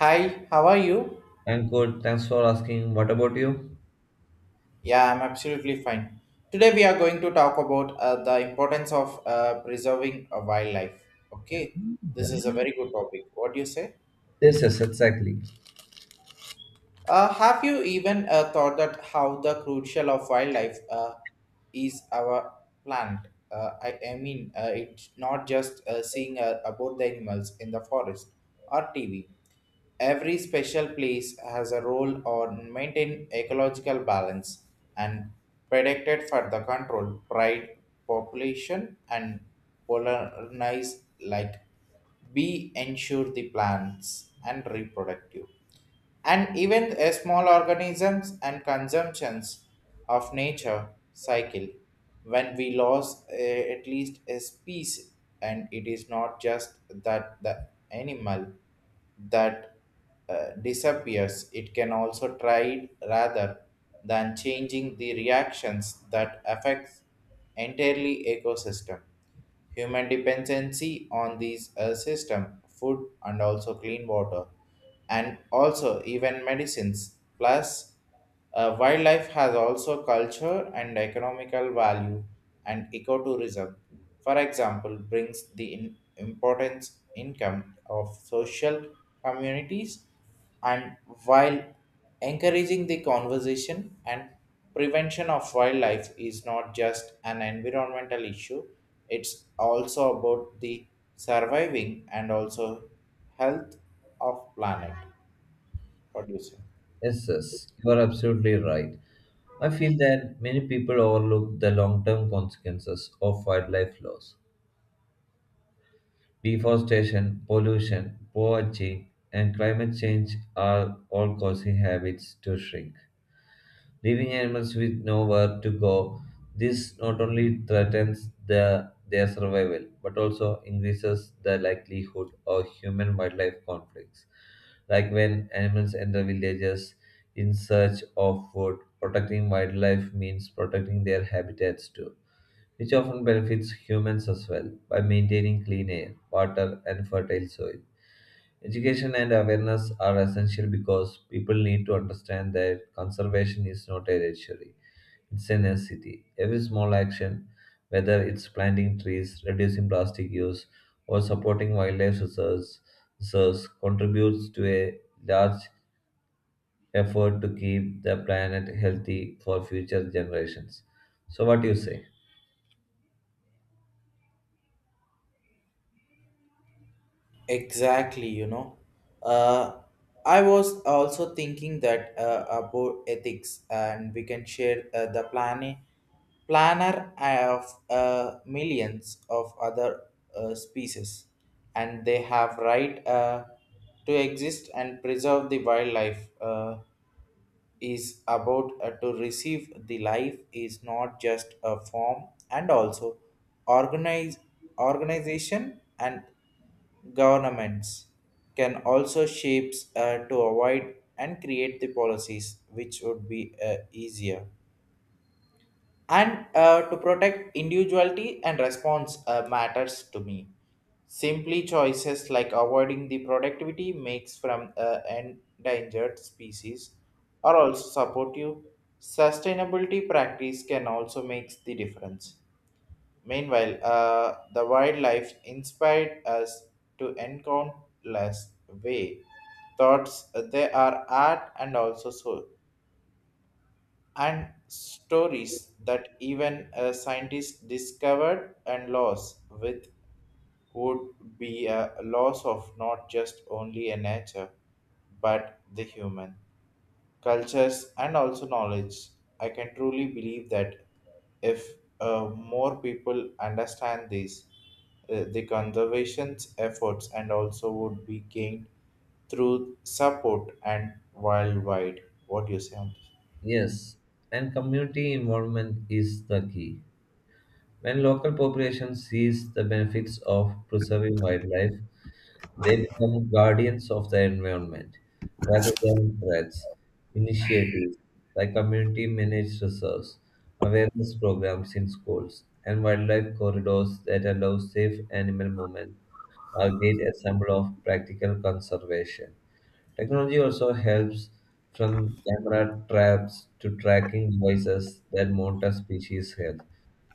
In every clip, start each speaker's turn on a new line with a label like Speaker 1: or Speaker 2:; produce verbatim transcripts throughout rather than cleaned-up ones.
Speaker 1: Hi, how are you?
Speaker 2: And good. Thanks for asking. What about you?
Speaker 1: Yeah, I'm absolutely fine. Today we are going to talk about uh, the importance of uh, preserving a wildlife. Okay,
Speaker 2: Yeah.
Speaker 1: this is a very good topic. What do you say?
Speaker 2: Yes, yes, exactly.
Speaker 1: Uh, have you even uh, thought that how the crucial of wildlife uh, is our plant? Uh, I, I mean, uh, it's not just uh, seeing uh, about the animals in the forest or T V. Every special place has a role or maintain ecological balance and predicted for the control, pride, population and polarize like be ensure the plants and reproductive and even a small organisms and consumptions of nature cycle when we lose eh, at least a species and it is not just that the animal that uh, disappears. It can also try rather than changing the reactions that affects entirely ecosystem. Human dependency on these uh, system, food and also clean water, and also even medicines. Plus, uh, wildlife has also culture and economical value and ecotourism. For example, brings the in- importance income of social communities and while encouraging the conversation and prevention of wildlife is not just an environmental issue, it's also about the surviving and also health of planet. What do you say?
Speaker 2: Yes, yes. You are absolutely right. I feel that many people overlook the long term consequences of wildlife loss. Deforestation, pollution, poverty, and climate change are all causing habits to shrink, leaving animals with nowhere to go. This not only threatens their, their survival but also increases the likelihood of human wildlife conflicts, like when animals enter villages in search of food. Protecting wildlife means protecting their habitats too, which often benefits humans as well by maintaining clean air, water, and fertile soil. Education and awareness are essential because people need to understand that conservation is not a luxury, it's a necessity. Every small action, whether it's planting trees, reducing plastic use, or supporting wildlife reserves, reserves contributes to a large effort to keep the planet healthy for future generations. So, what do you say?
Speaker 1: Exactly, you know. Uh, I was also thinking that uh, about ethics, and we can share uh, the planning planner uh, of uh, millions of other uh, species, and they have right uh, to exist and preserve the wildlife. Uh, is about uh, to receive the life is not just a form and also organize organization and governments can also shapes uh, to avoid and create the policies which would be uh, easier and uh, to protect individuality and response uh, matters to me. Simply choices like avoiding the productivity makes from uh, endangered species are also supportive. Sustainability practice can also make the difference. Meanwhile uh, the wildlife inspired us to encounter less way thoughts, uh, they are art and also so and stories that even a scientist discovered and lost with would be a loss of not just only a nature but the human cultures and also knowledge. I can truly believe that if uh, more people understand these uh, the conservation's efforts and also would be gained through support and worldwide. What do you say on this?
Speaker 2: Yes, and community involvement is the key. When local populations sees the benefits of preserving wildlife, they become guardians of the environment rather than threats. Initiatives like community managed reserves, awareness programs in schools, and wildlife corridors that allow safe animal movement are great example of practical conservation. Technology also helps, from camera traps to tracking devices that monitor species health,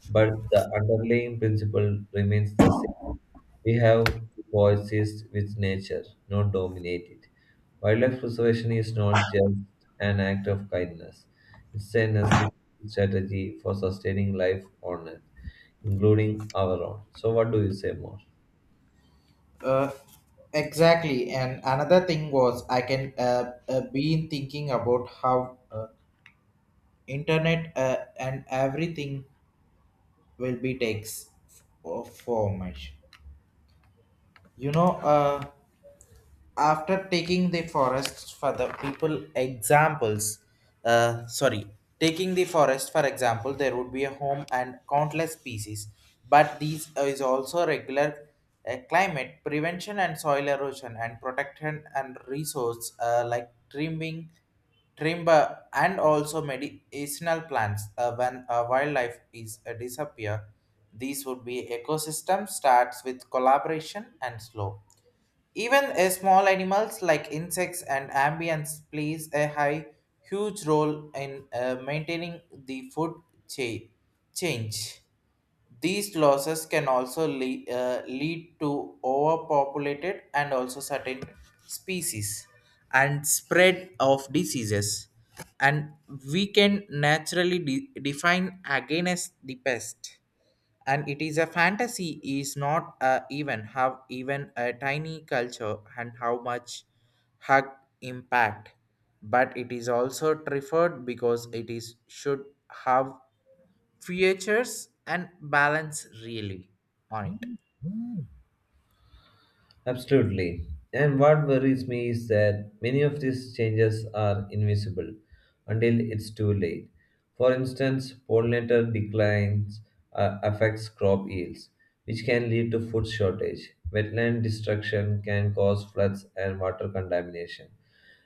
Speaker 2: but the underlying principle remains the same. We have to coexist with nature, not dominate it. Wildlife preservation is not just an act of kindness, it's a necessary strategy for sustaining life on Earth, including our own. So, what do you say more?
Speaker 1: Uh, exactly. And another thing was I can uh, uh, been thinking about how uh, internet uh, and everything will be takes f- for much. You know, uh, after taking the forests for the people examples uh, sorry taking the forest for example there would be a home and countless species, but these is also regular uh, climate prevention and soil erosion and protection and resource uh, like trimming timber and also medicinal plants. Uh, when uh, wildlife is uh, disappear, these would be ecosystem starts with collaboration and slow. Even uh, small animals like insects and amphibians plays a high, huge role in uh, maintaining the food chain. Change. These losses can also le- uh, lead to overpopulated and also certain species and spread of diseases. And we can naturally de- define again as the pest. And it is a fantasy is not uh, even have even a tiny culture and how much hug impact, but it is also referred because it is should have features and balance really on it.
Speaker 2: Absolutely. And what worries me is that many of these changes are invisible until it's too late. For instance, pollinator declines uh, affects crop yields, which can lead to food shortage. Wetland destruction can cause floods and water contamination.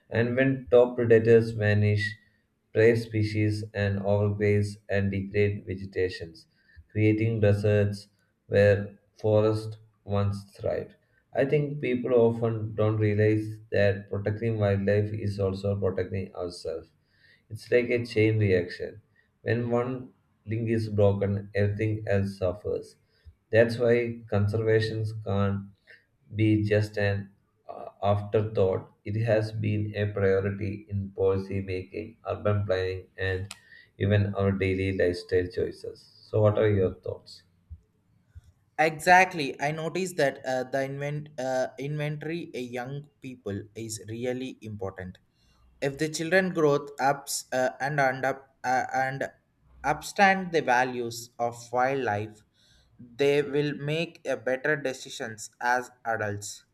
Speaker 2: And when top predators vanish, prey species and overgraze and degrade vegetations, creating deserts where forests once thrived. I think people often don't realize that protecting wildlife is also protecting ourselves. It's like a chain reaction. When one link is broken, everything else suffers. That's why conservation can't be just an uh, afterthought, it has been a priority in policy making, urban planning, and even our daily lifestyle choices. So, what are your thoughts?
Speaker 1: Exactly, I noticed that uh, the invent, uh, inventory a young people is really important. If the children growth ups uh, and and up uh, and upstand the values of wildlife, they will make a better decisions as adults.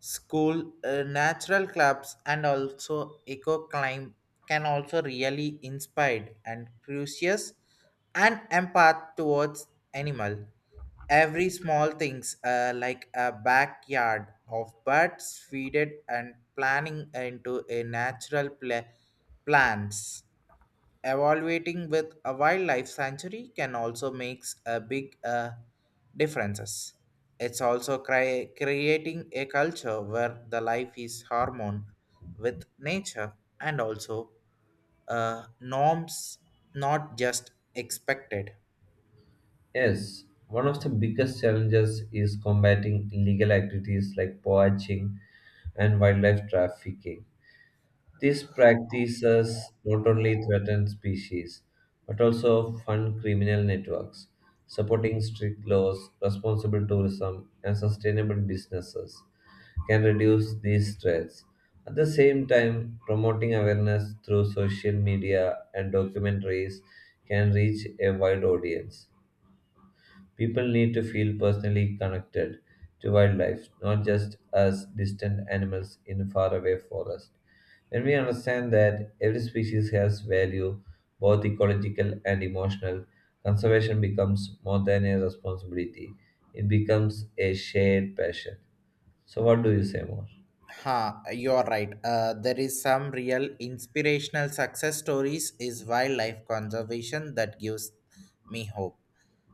Speaker 1: School uh, natural clubs and also eco climb can also really inspired and curious and empath towards animal. Every small things uh, like a backyard of birds feeded and planning into a natural pla- plants. Evaluating with a wildlife sanctuary can also makes a big uh, differences. It's also cri- creating a culture where the life is harmon with nature and also uh, norms, not just expected.
Speaker 2: Yes, one of the biggest challenges is combating illegal activities like poaching and wildlife trafficking. These practices not only threaten species but also fund criminal networks. Supporting strict laws, responsible tourism, and sustainable businesses can reduce these threats. At the same time, promoting awareness through social media and documentaries can reach a wide audience. People need to feel personally connected to wildlife, not just as distant animals in faraway forest. When we understand that every species has value, both ecological and emotional, conservation becomes more than a responsibility. It becomes a shared passion. So, what do you say more?
Speaker 1: Ha, you're right. Uh, there is some real inspirational success stories is wildlife conservation that gives me hope.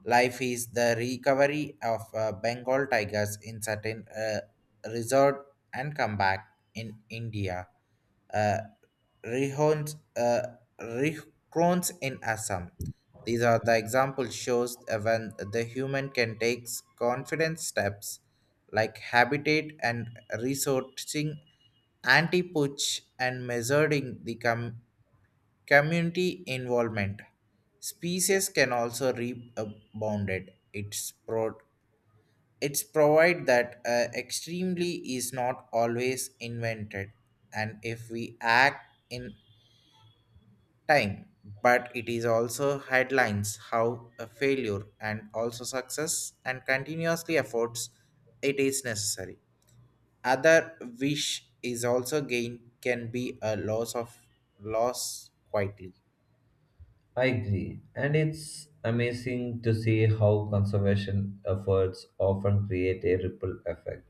Speaker 1: Life is the recovery of uh, Bengal tigers in certain uh, resort and comeback in India. Uh, Rihons, uh, Rihkrons in Assam. These are the example shows uh, when the human can take confident steps like habitat and resourcing anti-poach and measuring the com- community involvement. Species can also rebounded. It's pro- it's provide that uh, extremely is not always invented, and if we act in time, but it is also headlines how a failure and also success and continuously efforts it is necessary. Other wish is also gain can be a loss of loss quietly.
Speaker 2: I agree. And it's amazing to see how conservation efforts often create a ripple effect.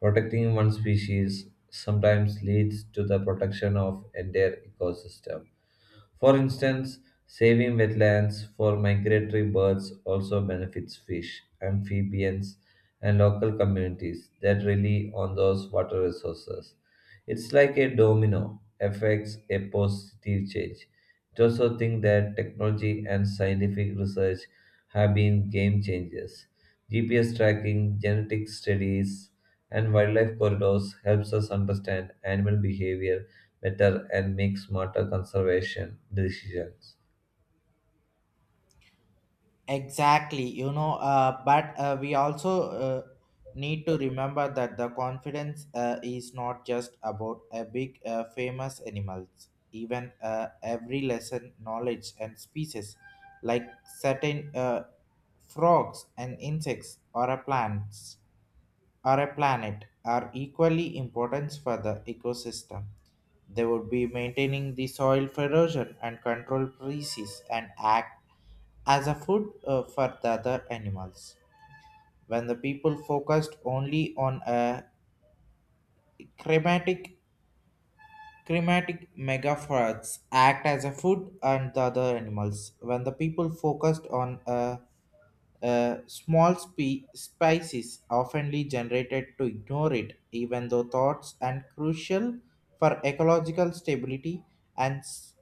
Speaker 2: Protecting one species sometimes leads to the protection of entire ecosystem. For instance, saving wetlands for migratory birds also benefits fish, amphibians, and local communities that rely on those water resources. It's like a domino affects a positive change. It also think that technology and scientific research have been game changers. G P S tracking, genetic studies, and wildlife corridors helps us understand animal behavior better and make smarter conservation decisions.
Speaker 1: Exactly, you know, uh, but uh, we also uh, need to remember that the confidence uh, is not just about a big uh, famous animals. Even uh, every lesson, knowledge, and species, like certain uh, frogs and insects or uh, plants, or a planet are equally important for the ecosystem. They would be maintaining the soil erosion and control species and act as a food uh, for the other animals. When the people focused only on a climatic climatic megaforts act as a food and the other animals. When the people focused on a Uh, small spe- spices oftenly generated to ignore it, even though thoughts and crucial for ecological stability and s-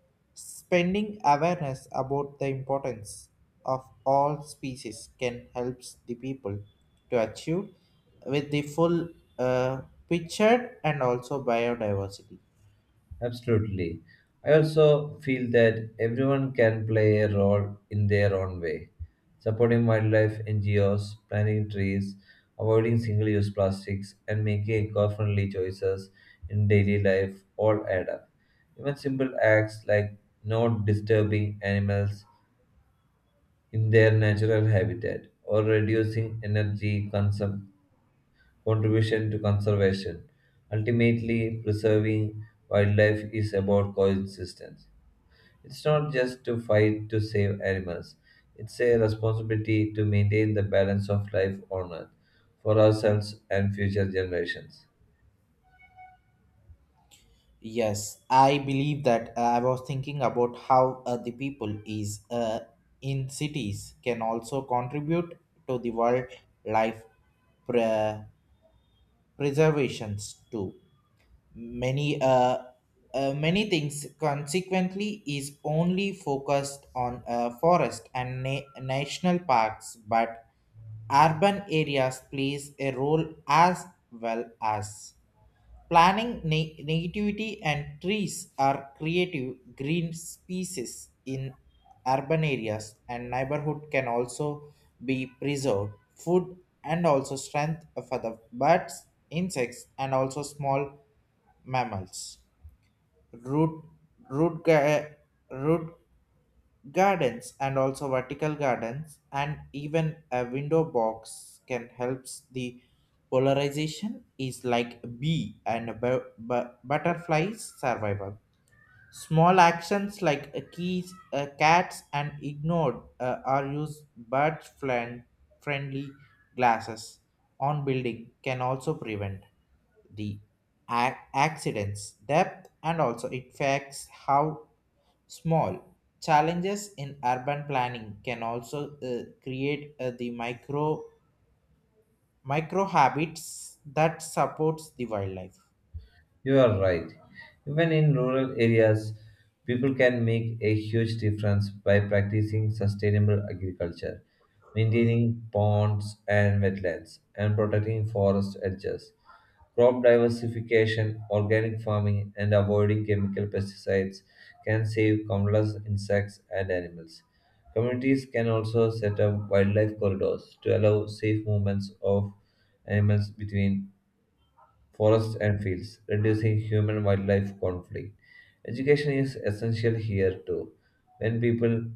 Speaker 1: spending awareness about the importance of all species can help the people to achieve with the full uh, pictured and also biodiversity.
Speaker 2: Absolutely. I also feel that everyone can play a role in their own way. Supporting wildlife N G Os, planting trees, avoiding single use plastics, and making eco friendly choices in daily life all add up. Even simple acts like not disturbing animals in their natural habitat or reducing energy consumption contribution to conservation. Ultimately, preserving wildlife is about coexistence. It's not just to fight to save animals, it's a responsibility to maintain the balance of life on earth for ourselves and future generations.
Speaker 1: Yes, I believe that uh, I was thinking about how uh, the people is uh, in cities can also contribute to the wildlife pre- preservations too. Many uh, uh, many things consequently is only focused on uh, forest and na- national parks, but urban areas plays a role as well as. Planning ne- negativity and trees are creative green species in urban areas and neighborhood can also be preserved food and also strength for the birds insects and also small mammals. Root root ga- root Gardens and also vertical gardens and even a window box can help the polarization is like bee and bu- bu- butterfly survival. Small actions like a keys, uh, cats, and ignored uh, are used bird friend friendly glasses on building can also prevent the ac- accidents depth and also it affects how small challenges in urban planning can also uh, create uh, the micro micro habits that supports the wildlife.
Speaker 2: You are right. Even in rural areas, people can make a huge difference by practicing sustainable agriculture, maintaining ponds and wetlands, and protecting forest edges. Crop diversification, organic farming, and avoiding chemical pesticides can save countless insects and animals. Communities can also set up wildlife corridors to allow safe movements of animals between forests and fields, reducing human wildlife conflict. Education is essential here too. When people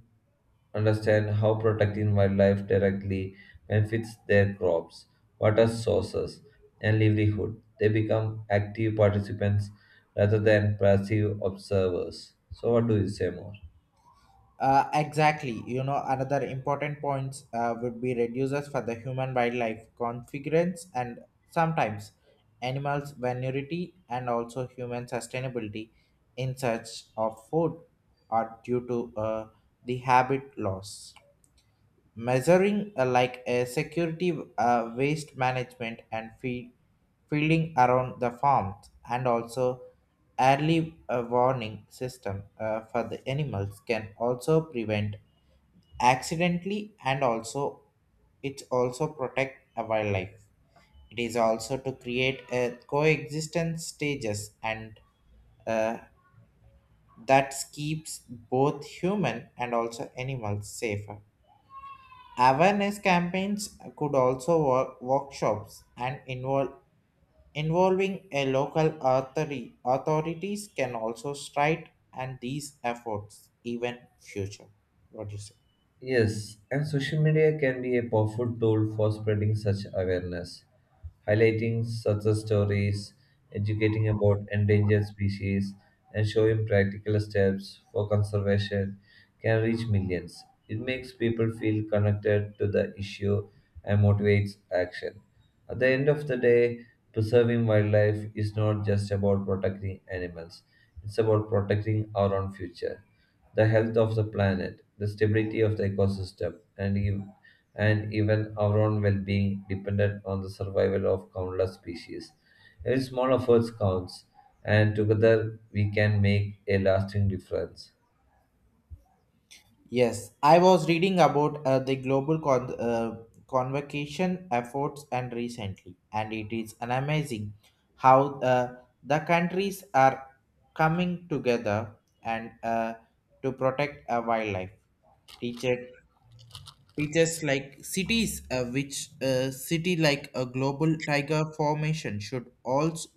Speaker 2: understand how protecting wildlife directly benefits their crops, water sources, and livelihood, they become active participants rather than passive observers. So, what do you say more?
Speaker 1: Uh, exactly. You know, another important points uh, would be reduces for the human wildlife configurance and sometimes animals vulnerability and also human sustainability in search of food are due to uh, the habit loss. Measuring uh, like a security uh, waste management and feed, fielding around the farms and also early uh, warning system uh, for the animals can also prevent accidentally and also it also protect a wildlife. It is also to create a coexistence stages and uh, that keeps both human and also animals safer. Awareness campaigns could also work workshops and involve involving a local authority authorities can also strike and these efforts even future. What do you say?
Speaker 2: Yes, and social media can be a powerful tool for spreading such awareness. Highlighting success stories, educating about endangered species, and showing practical steps for conservation can reach millions. It makes people feel connected to the issue and motivates action. At the end of the day, preserving wildlife is not just about protecting animals, it's about protecting our own future, the health of the planet, the stability of the ecosystem, and, ev- and even our own well being dependent on the survival of countless species. Every small effort counts, and together we can make a lasting difference.
Speaker 1: Yes, I was reading about uh, the global con- uh, convocation efforts and recently, and it is an amazing how uh, the countries are coming together and uh, to protect uh, wildlife. Teacher, Teachers like cities, uh, which uh, city like a global tiger formation should also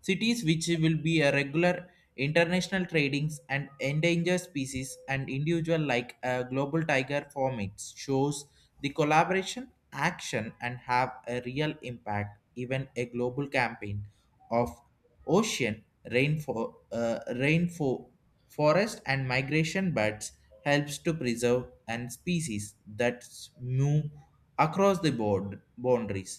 Speaker 1: cities which will be a regular international tradings and endangered species and individual like a global tiger formats shows the collaboration action and have a real impact. Even a global campaign of ocean rainfall uh, rainfall forest and migration birds helps to preserve and species that move across the board boundaries.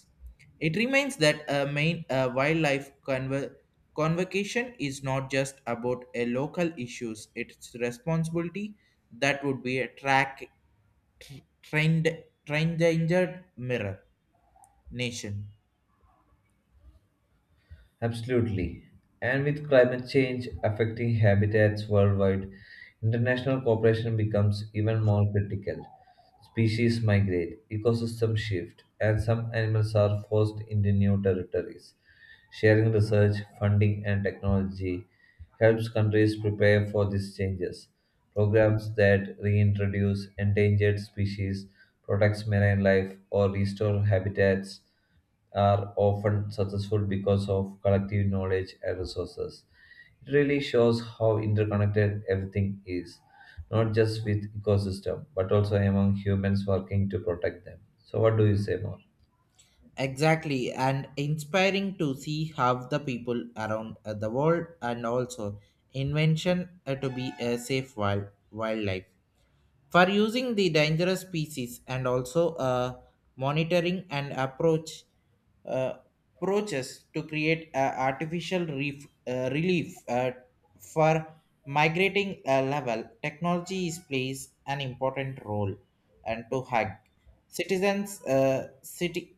Speaker 1: It remains that a main uh, wildlife conver- convocation is not just about a local issues. It's responsibility that would be a track tr- trained trained injured mirror nation.
Speaker 2: Absolutely. And with climate change affecting habitats worldwide, international cooperation becomes even more critical. Species migrate, ecosystems shift, and some animals are forced into new territories. Sharing research, funding, and technology helps countries prepare for these changes. Programs that reintroduce endangered species, protects marine life, or restore habitats are often successful because of collective knowledge and resources. It really shows how interconnected everything is, not just with ecosystem, but also among humans working to protect them. So what do you say more?
Speaker 1: Exactly, and inspiring to see how the people around uh, the world and also invention uh, to be a safe wild wildlife. For using the dangerous species and also uh, monitoring and approach uh, approaches to create a artificial reef, uh, relief uh, for migrating uh, level technology is plays an important role and to hug citizens uh, city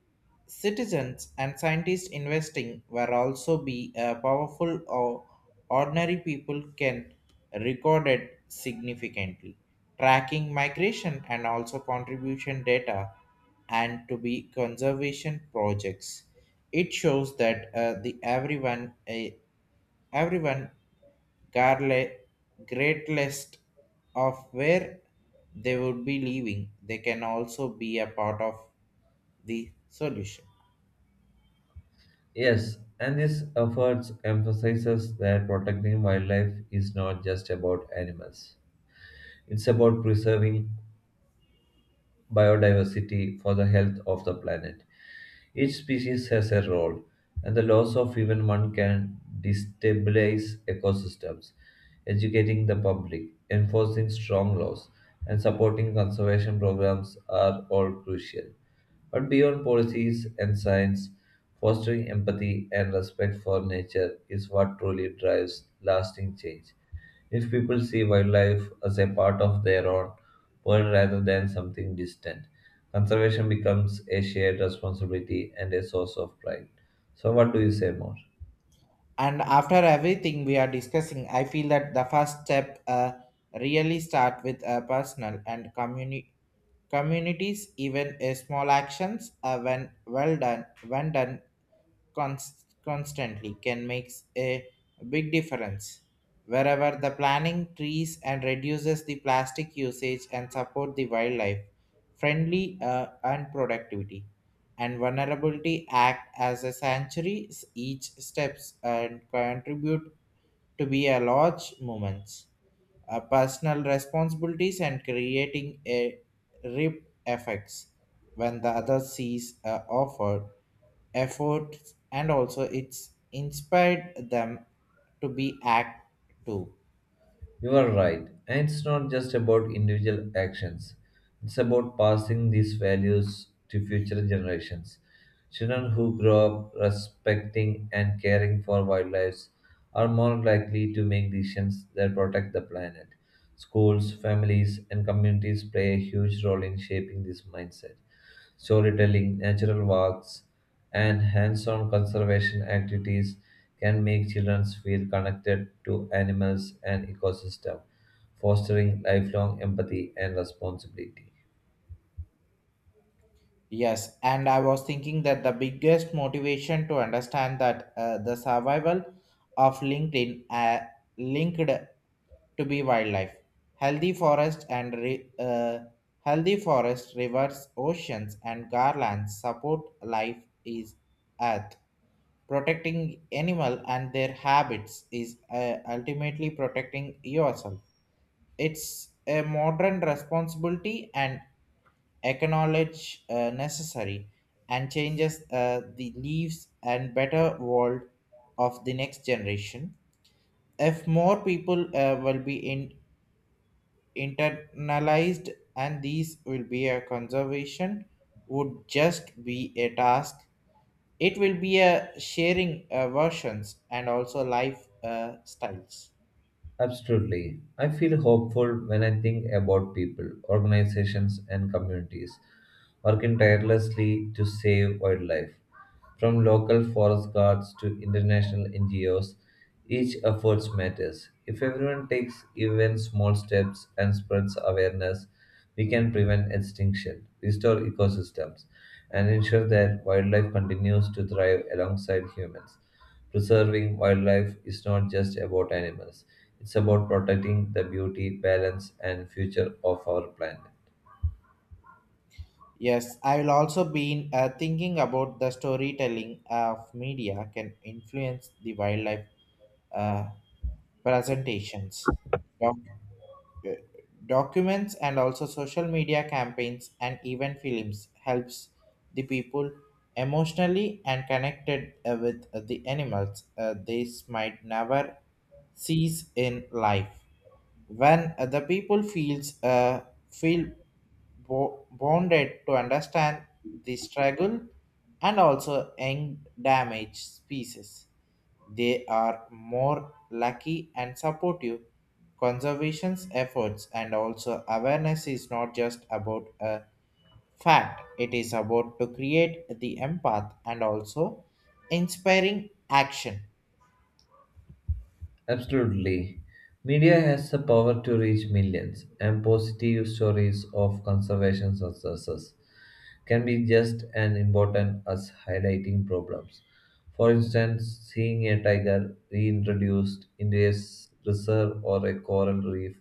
Speaker 1: Citizens and scientists investing were also be a powerful or ordinary people can record it significantly. Tracking migration and also contribution data and to be conservation projects. It shows that uh, the everyone uh, everyone garle great list of where they would be living. They can also be a part of the solution.
Speaker 2: Yes, and this efforts emphasizes that protecting wildlife is not just about animals. It's about preserving biodiversity for the health of the planet. Each species has a role, and the loss of even one can destabilize ecosystems. Educating the public, enforcing strong laws, and supporting conservation programs are all crucial. But beyond policies and science, fostering empathy and respect for nature is what truly drives lasting change. If people see wildlife as a part of their own world rather than something distant, conservation becomes a shared responsibility and a source of pride. So, what do you say more?
Speaker 1: And after everything we are discussing, I feel that the first step uh, really start with a personal and communi- communities. Even a small actions uh, when well done when done const- constantly can make a big difference. Wherever the planting trees and reduces the plastic usage and support the wildlife, friendly uh, and productivity, and vulnerability act as a sanctuary s- each steps and contribute to be a large movement. Uh, personal responsibilities and creating a rip effects when the other sees uh, offered efforts and also it's inspired them to be act too.
Speaker 2: You are right. And it's not just about individual actions, it's about passing these values to future generations. Children who grow up respecting and caring for wildlife are more likely to make decisions that protect the planet. Schools, families, and communities play a huge role in shaping this mindset. Storytelling, natural walks, and hands on conservation activities can make children feel connected to animals and ecosystem, fostering lifelong empathy and responsibility.
Speaker 1: Yes, and I was thinking that the biggest motivation to understand that uh, the survival of linkedin uh, linked to be wildlife. Healthy forest and re, uh, healthy forest rivers oceans and garlands support life is earth. Protecting animal and their habits is uh, ultimately protecting yourself. It's a modern responsibility and acknowledge uh, necessary and changes uh, the leaves and better world of the next generation. If more people uh, will be in, internalized and these will be a conservation would just be a task. It will be a sharing uh, versions and also life uh, styles.
Speaker 2: Absolutely. I feel hopeful when I think about people, organizations, and communities working tirelessly to save wildlife. From local forest guards to international N G Os, each effort matters. If everyone takes even small steps and spreads awareness, we can prevent extinction, restore ecosystems, and ensure that wildlife continues to thrive alongside humans. Preserving wildlife is not just about animals, it's about protecting the beauty, balance, and future of our planet.
Speaker 1: Yes, I will also been uh, thinking about the storytelling of media can influence the wildlife uh, presentations, doc- uh, documents, and also social media campaigns and even films helps the people emotionally and connected uh, with the animals. Uh, this might never cease in life when uh, the people feels uh, feel bo- bonded to understand the struggle and also end damage species, they are more lucky and supportive conservation's efforts. And also awareness is not just about a fact, it is about to create the empath and also inspiring action.
Speaker 2: Absolutely. Media has the power to reach millions, and positive stories of conservation successes can be just as important as highlighting problems. For instance, seeing a tiger reintroduced into a s- reserve or a coral reef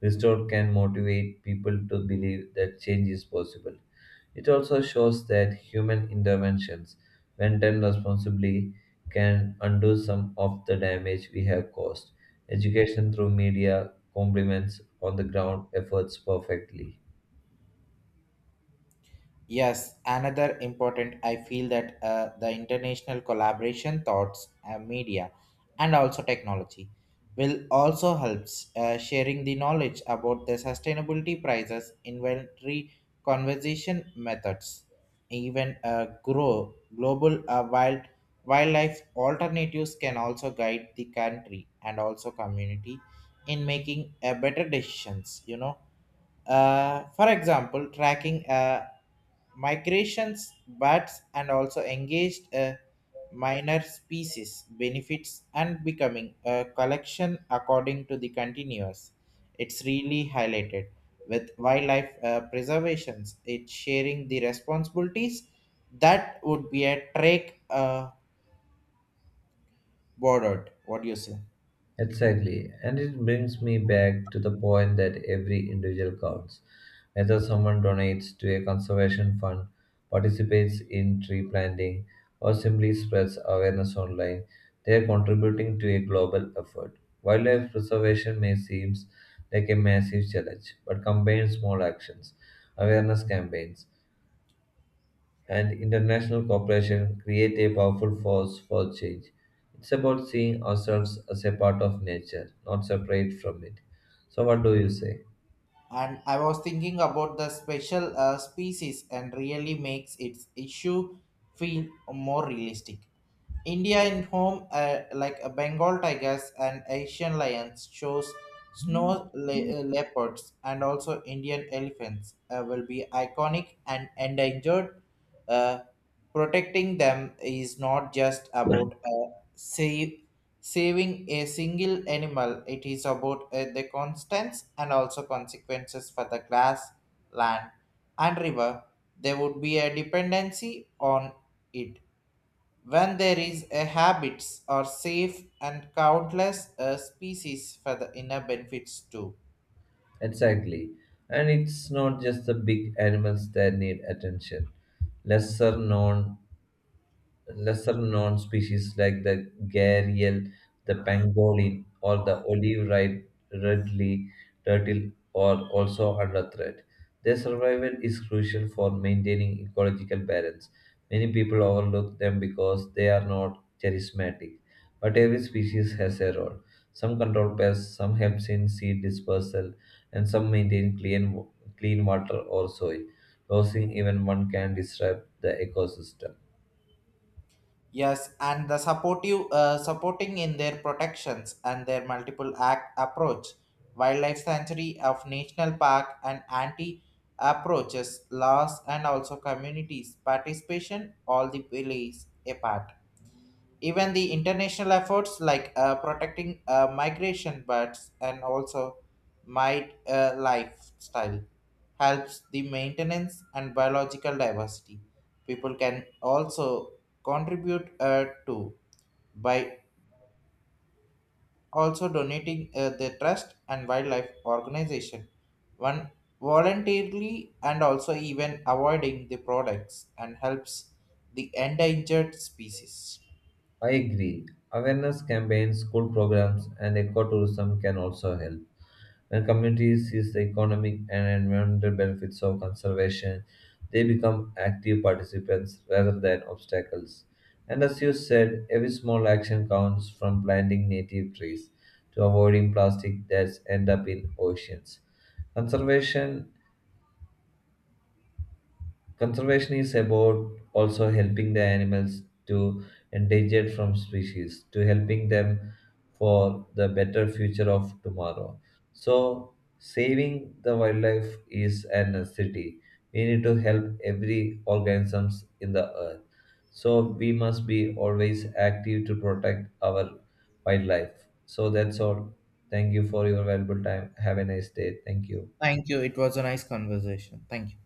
Speaker 2: restored can motivate people to believe that change is possible. It also shows that human interventions, when done responsibly, can undo some of the damage we have caused. Education through media complements on the ground efforts perfectly.
Speaker 1: Yes, another important, I feel that uh, the international collaboration, thoughts, uh, media, and also technology will also helps uh, sharing the knowledge about the sustainability prices, inventory conservation methods, even uh, grow global uh, wild wildlife alternatives can also guide the country and also community in making uh, better decisions. You know, uh, for example, tracking uh, migrations, bats, and also engaged uh, minor species benefits and becoming a collection according to the continuous. It's really highlighted with wildlife uh, preservations. It's sharing the responsibilities that would be a track uh, bordered. What do you say?
Speaker 2: Exactly. And it brings me back to the point that every individual counts. Whether someone donates to a conservation fund, participates in tree planting, or simply spreads awareness online, they are contributing to a global effort. Wildlife preservation may seem like a massive challenge, but combines small actions, awareness campaigns, and international cooperation create a powerful force for change. It's about seeing ourselves as a part of nature, not separate from it. So, what do you say?
Speaker 1: And I was thinking about the special uh, species and really makes its issue feel more realistic. India in home, uh, like a Bengal tigers and Asian lions, shows snow le- uh, leopards and also Indian elephants uh, will be iconic and endangered. Uh, Protecting them is not just about uh, save, saving a single animal, it is about uh, the constants and also consequences for the grass, land, and river. There would be a dependency on it when there is a habits are safe and countless uh, species for the inner benefits too.
Speaker 2: Exactly. And it's not just the big animals that need attention. Lesser known Lesser known species like the gharial, the pangolin, or the olive red redly turtle are also under threat. Their survival is crucial for maintaining ecological balance. Many people overlook them because they are not charismatic, but every species has a role. Some control pests, some help in seed dispersal, and some maintain clean, clean water or soil. Losing even one can disrupt the ecosystem.
Speaker 1: Yes, and the supportive uh, supporting in their protections and their multiple act approach wildlife sanctuary of national park and anti approaches laws and also communities participation all the plays a part. Even the international efforts like uh, protecting uh, migration birds and also might uh, lifestyle helps the maintenance and biological diversity. People can also contribute uh, to by also donating uh, their trust and wildlife organization, one voluntarily and also even avoiding the products and helps the endangered species.
Speaker 2: I agree. Awareness campaigns, school programs, and ecotourism can also help. When communities see the economic and environmental benefits of conservation, they become active participants rather than obstacles. And as you said, every small action counts, from planting native trees to avoiding plastic that end up in oceans. Conservation Conservation is about also helping the animals to endangered from species, to helping them for the better future of tomorrow. So saving the wildlife is a necessity. We need to help every organisms in the earth. So we must be always active to protect our wildlife. So that's all. Thank you for your valuable time. Have a nice day. Thank you.
Speaker 1: Thank you, it was a nice conversation. Thank you.